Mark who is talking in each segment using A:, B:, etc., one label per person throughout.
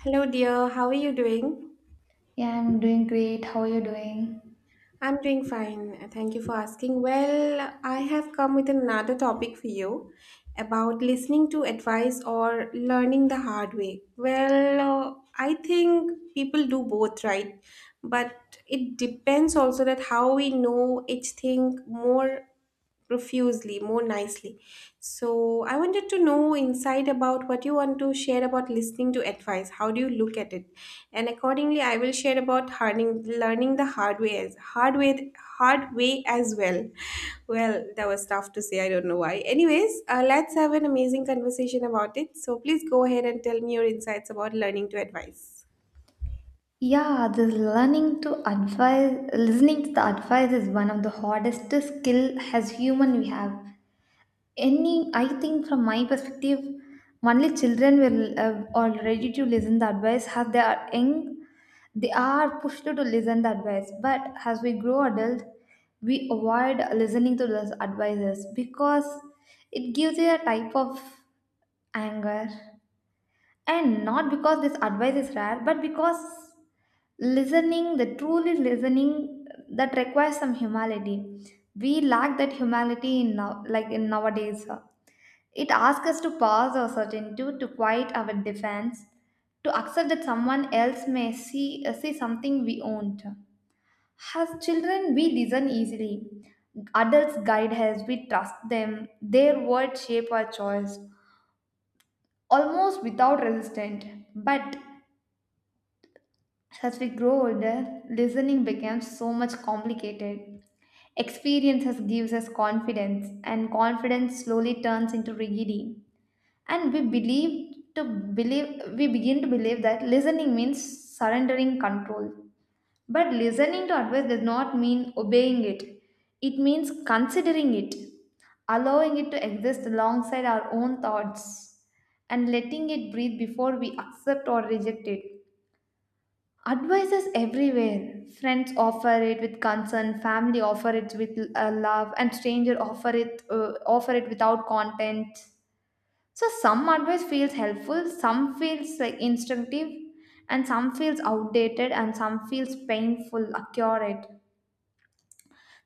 A: Hello, dear. How are you doing?
B: Yeah, I'm doing great. How are you doing?
A: I'm doing fine. Thank you for asking. Well, I have come with another topic for you about listening to advice or learning the hard way. Well, I think people do both, right? But it depends also that how we know each thing more profusely, more nicely. So I wanted to know insight about what you want to share about listening to advice. How do you look at it? And accordingly, I will share about hardening, learning the hard way as well. Well, that was tough to say. I don't know why. Anyways, let's have an amazing conversation about it. So please go ahead and tell me your insights about learning to advise.
B: Yeah, this learning to advise, listening to the advice is one of the hardest skill as human we have. I think from my perspective, only children will are ready to listen the advice as they are young. They are pushed to listen the advice, but as we grow adult, we avoid listening to those advices because it gives you a type of anger. And not because this advice is rare but because listening the truly listening that requires some humility. We lack that humility in now like in nowadays. It asks us to pause our certainty, to quiet our defense, to accept that someone else may see something we don't. As children, we listen easily. Adults guide us, we trust them. Their words shape our choice, almost without resistance. But as we grow older, listening becomes so much complicated. Experiences gives us confidence, and confidence slowly turns into rigidity. And we begin to believe that listening means surrendering control. But listening to advice does not mean obeying it. It means considering it, allowing it to exist alongside our own thoughts, and letting it breathe before we accept or reject it. Advice is everywhere. Friends offer it with concern, family offer it with love, and stranger offer it without content. So some advice feels helpful, some feels like instinctive, and some feels outdated, and some feels painful, accurate.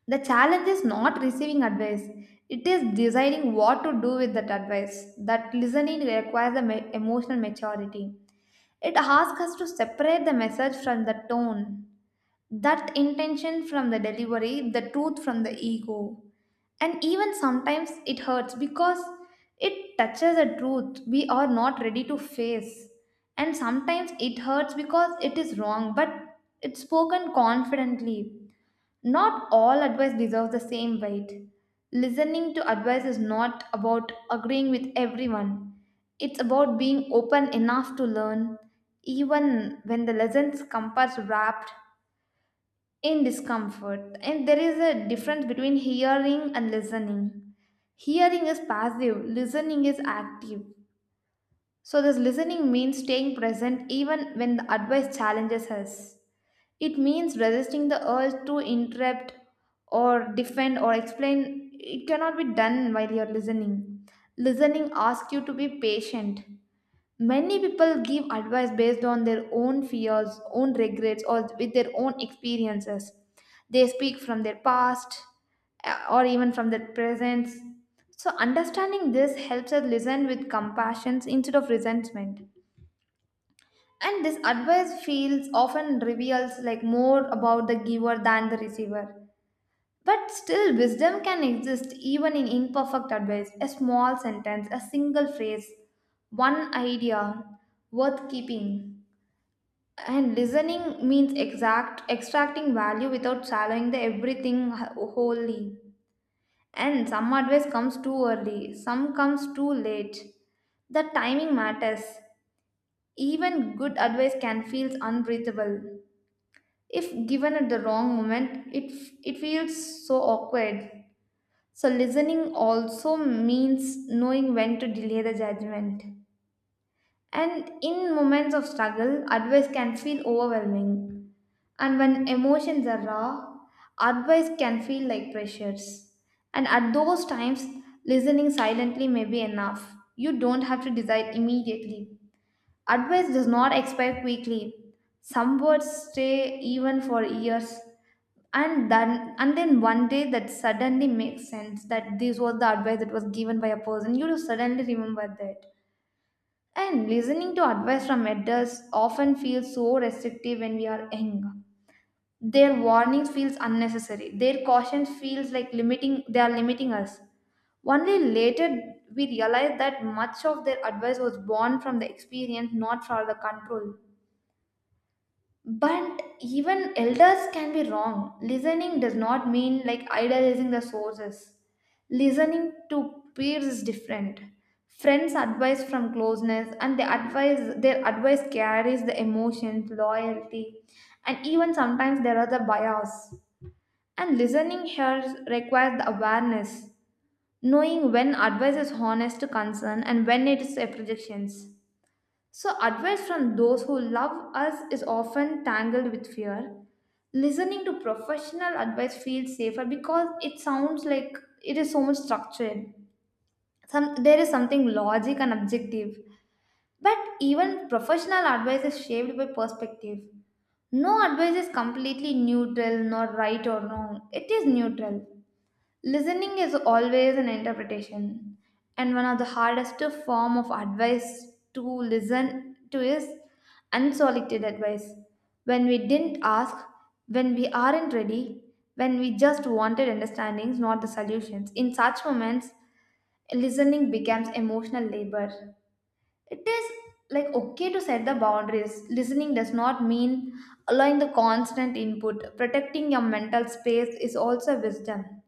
B: The challenge is not receiving advice; it is deciding what to do with that advice. That listening requires the emotional maturity. It asks us to separate the message from the tone, that intention from the delivery, the truth from the ego. And even sometimes it hurts because it touches a truth we are not ready to face. And sometimes it hurts because it is wrong, but it's spoken confidently. Not all advice deserves the same weight. Listening to advice is not about agreeing with everyone, it's about being open enough to learn, even when the lessons compass wrapped in discomfort. And there is a difference between hearing and listening. Hearing is passive, listening is active. So this listening means staying present even when the advice challenges us. It means resisting the urge to interrupt or defend or explain. It cannot be done while you're listening. Listening asks you to be patient. Many people give advice based on their own fears, own regrets, or with their own experiences. They speak from their past, or even from their present. So, understanding this helps us listen with compassion instead of resentment. And this advice feels often reveals like more about the giver than the receiver. But still, wisdom can exist even in imperfect advice, a small sentence, a single phrase, one idea worth keeping. And listening means exact extracting value without swallowing the everything wholly. And some advice comes too early, some comes too late. The timing matters. Even good advice can feel unbreathable. If given at the wrong moment, it feels so awkward. So, listening also means knowing when to delay the judgment. And in moments of struggle, advice can feel overwhelming. And when emotions are raw, advice can feel like pressures. And at those times, listening silently may be enough. You don't have to decide immediately. Advice does not expire quickly. Some words stay even for years. And then one day that suddenly makes sense that this was the advice that was given by a person. You just suddenly remember that. And listening to advice from adults often feels so restrictive when we are young. Their warnings feels unnecessary. Their caution feels like limiting they are limiting us. Only later we realize that much of their advice was born from the experience, not from the control. But even elders can be wrong. Listening does not mean like idolizing the sources. Listening to peers is different. Friends advise from closeness, and the advice, their advice carries the emotions, loyalty, and even sometimes there are the bias. And listening here requires the awareness, knowing when advice is honest concern and when it is a projections. So advice from those who love us is often tangled with fear. Listening to professional advice feels safer because it sounds like it is so much structured. Some, there is something logic and objective. But even professional advice is shaped by perspective. No advice is completely neutral, nor right or wrong. It is neutral. Listening is always an interpretation, and one of the hardest form of advice to listen to is unsolicited advice. When we didn't ask, when we aren't ready, when we just wanted understandings, not the solutions. In such moments, listening becomes emotional labor. It is like okay to set the boundaries. Listening does not mean allowing the constant input. Protecting your mental space is also wisdom.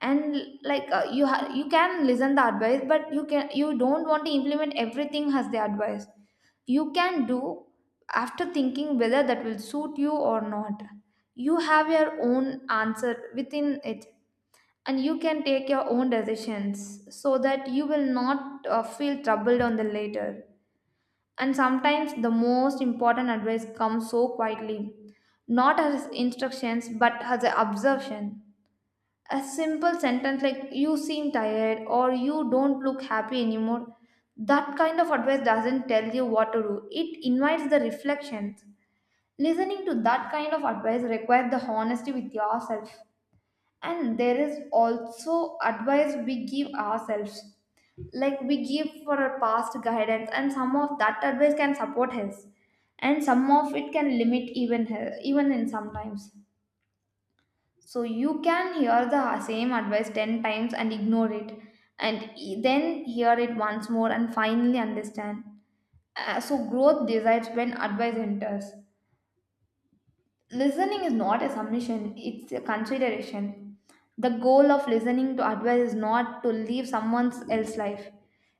B: And like you can listen the advice, but you don't want to implement everything as the advice. You can do after thinking whether that will suit you or not. You have your own answer within it, and you can take your own decisions so that you will not feel troubled on the later. And sometimes the most important advice comes so quietly, not as instructions but as an observation, a simple sentence like you seem tired or you don't look happy anymore. That kind of advice doesn't tell you what to do, it invites the reflections. Listening to that kind of advice requires the honesty with yourself. And there is also advice we give ourselves, like we give for our past guidance, and some of that advice can support us, and some of it can limit even even in sometimes. So you can hear the same advice 10 times and ignore it, and then hear it once more and finally understand. So growth decides when advice enters. Listening is not a submission, it's a consideration. The goal of listening to advice is not to live someone else's life.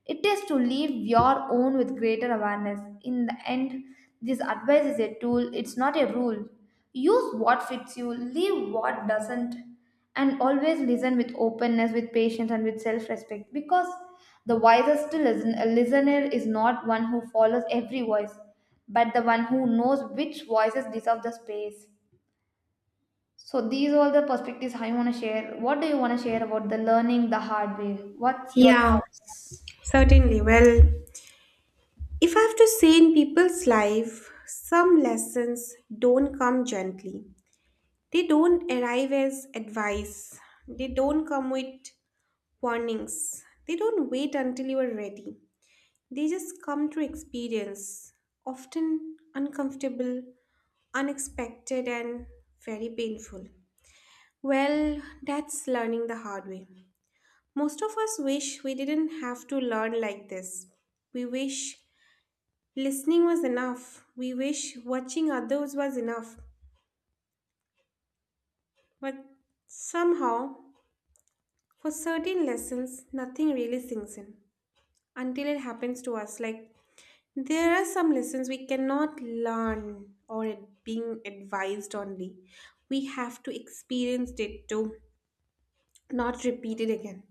B: It is to live your own with greater awareness. In the end, this advice is a tool, it's not a rule. Use what fits you, leave what doesn't, and always listen with openness, with patience and with self-respect, because the wisest listener is not one who follows every voice but the one who knows which voices deserve the space. So these are all the perspectives I want to share. What do you want to share about the learning the hard way? What's your
A: Yeah,
B: thoughts?
A: certainly. Well, if I have to say in people's life, some lessons don't come gently. They don't arrive as advice. They don't come with warnings. They don't wait until you are ready. They just come through experience, often uncomfortable, unexpected, and very painful. Well, that's learning the hard way. Most of us wish we didn't have to learn like this. We wish listening was enough. We wish watching others was enough. But somehow, for certain lessons, nothing really sinks in until it happens to us. Like, there are some lessons we cannot learn or it being advised only. We have to experience it to not repeat it again.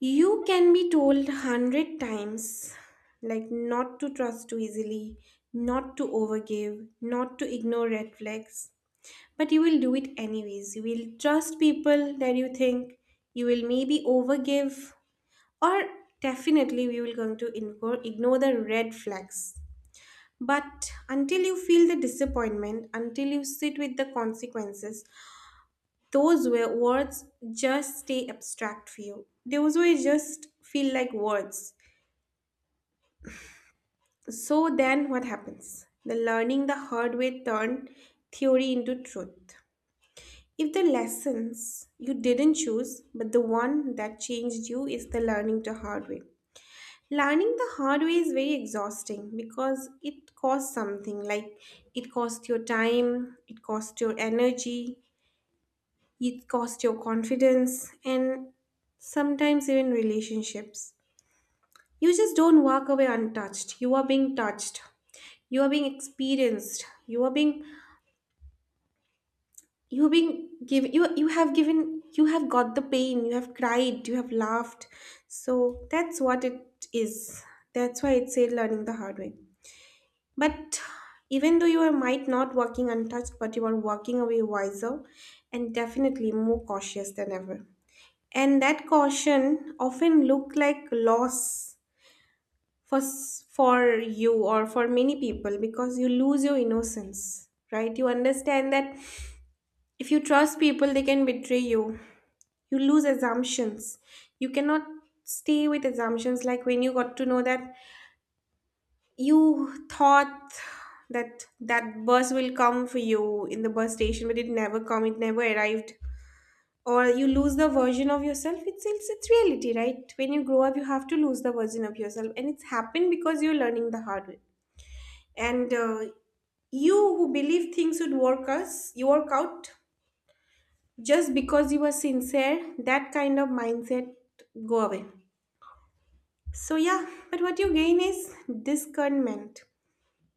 A: You can be told 100 times, like not to trust too easily, not to overgive, not to ignore red flags, but you will do it anyways. You will trust people that you think. You will maybe overgive. Or definitely we will going to ignore, ignore the red flags. But until you feel the disappointment, until you sit with the consequences, those were words just stay abstract for you. Those were just feel like words. So then what happens? The learning the hard way turned theory into truth. If the lessons you didn't choose, but the one that changed you is the learning the hard way. Learning the hard way is very exhausting because it costs something like it costs your time, it costs your energy, it costs your confidence, and sometimes even relationships. You just don't walk away untouched. You are being touched, you are being experienced, you are being you've been given you you have given you have got the pain, you have cried, you have laughed. So that's what it is. That's why it's said learning the hard way. But even though you are might not walking untouched, but you are walking away wiser and definitely more cautious than ever. And that caution often look like loss for for you or for many people because you lose your innocence, right? You understand that if you trust people they can betray you. You lose assumptions. You cannot stay with assumptions, like when you got to know that you thought that bus will come for you in the bus station, but it never come, it never arrived. Or you lose the version of yourself. It's reality, right? When you grow up you have to lose the version of yourself, and it's happened because you're learning the hard way. And you who believe things would work us, you work out just because you were sincere, that kind of mindset go away. So, yeah, but what you gain is discernment.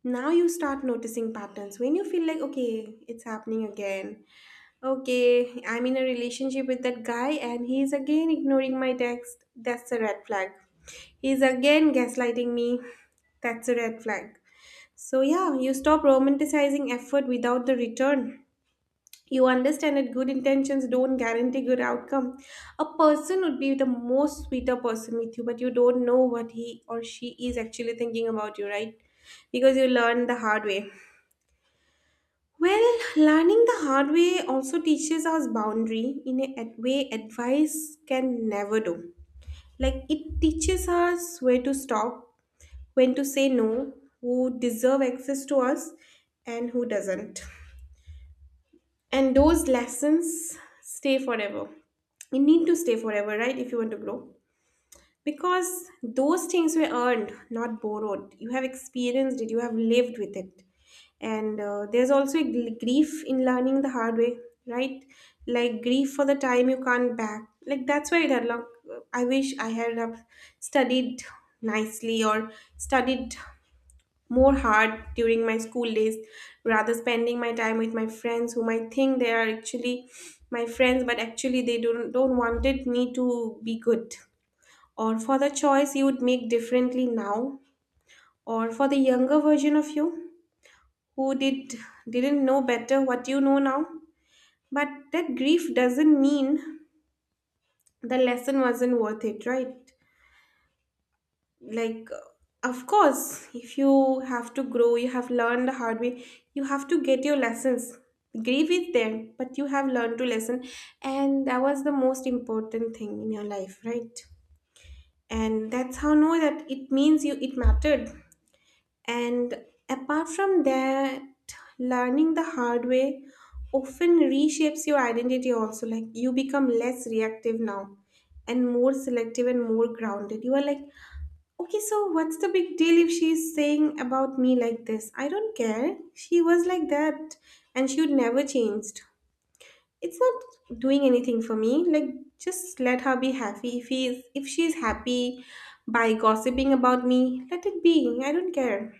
A: Now you start noticing patterns when you feel like, okay, it's happening again. Okay, I'm in a relationship with that guy and he's again ignoring my text. That's a red flag. He's again gaslighting me. That's a red flag. So, yeah, you stop romanticizing effort without the return. You understand that good intentions don't guarantee good outcome. A person would be the most sweeter person with you, but you don't know what he or she is actually thinking about you, right? Because you learn the hard way. Well, learning the hard way also teaches us boundary in a way advice can never do. Like, it teaches us where to stop, when to say no, who deserve access to us and who doesn't. And those lessons stay forever. You need to stay forever, right, if you want to grow. Because those things were earned, not borrowed. You have experienced it, you have lived with it. And there's also a grief in learning the hard way, right? Like grief for the time you can't back, like that's why that long. I wish I had have studied nicely or studied more hard during my school days rather spending my time with my friends whom I think they are actually my friends, but actually they don't wanted me to be good. Or for the choice you would make differently now, or for the younger version of you who didn't know better what you know now. But that grief doesn't mean the lesson wasn't worth it, right? Like, of course if you have to grow you have learned the hard way, you have to get your lessons. Grieve is there but you have learned to lesson, and that was the most important thing in your life, right? And that's how know that it means you it mattered. And apart from that, learning the hard way often reshapes your identity also. Like, you become less reactive now and more selective and more grounded. You are like, okay, so what's the big deal if she's saying about me like this? I don't care. She was like that and she would never changed. It's not doing anything for me. Like, just let her be happy. If he's if she's happy by gossiping about me, let it be. I don't care.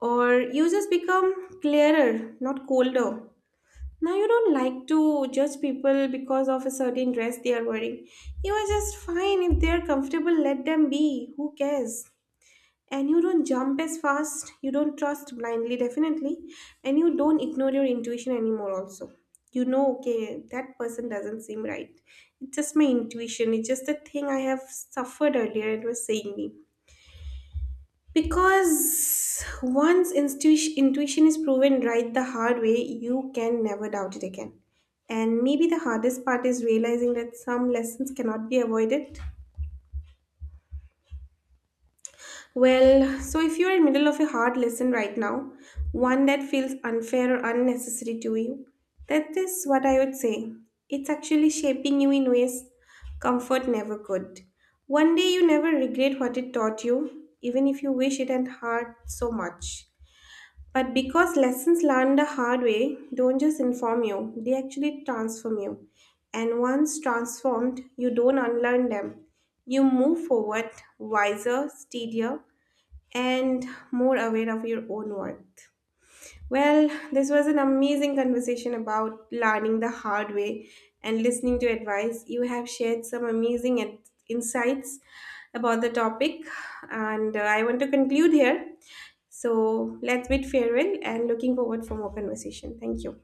A: Or you just become clearer, not colder. Now you don't like to judge people because of a certain dress they are wearing. You are just fine if they're comfortable, let them be. Who cares? And you don't jump as fast, you don't trust blindly, definitely. And you don't ignore your intuition anymore also. You know, okay, that person doesn't seem right. It's just my intuition, it's just the thing I have suffered earlier, it was saying me. Because once intuition is proven right the hard way, you can never doubt it again. And maybe the hardest part is realizing that some lessons cannot be avoided. Well, so if you're in middle of a hard lesson right now, one that feels unfair or unnecessary to you, that is what I would say. It's actually shaping you in ways comfort never could. One day you never regret what it taught you, even if you wish it had hurt so much. But because lessons learned the hard way don't just inform you, they actually transform you. And once transformed, you don't unlearn them. You move forward wiser, steadier, and more aware of your own worth. Well, this was an amazing conversation about learning the hard way and listening to advice. You have shared some amazing insights about the topic, and I want to conclude here. So let's bid farewell and looking forward for more conversation. Thank you.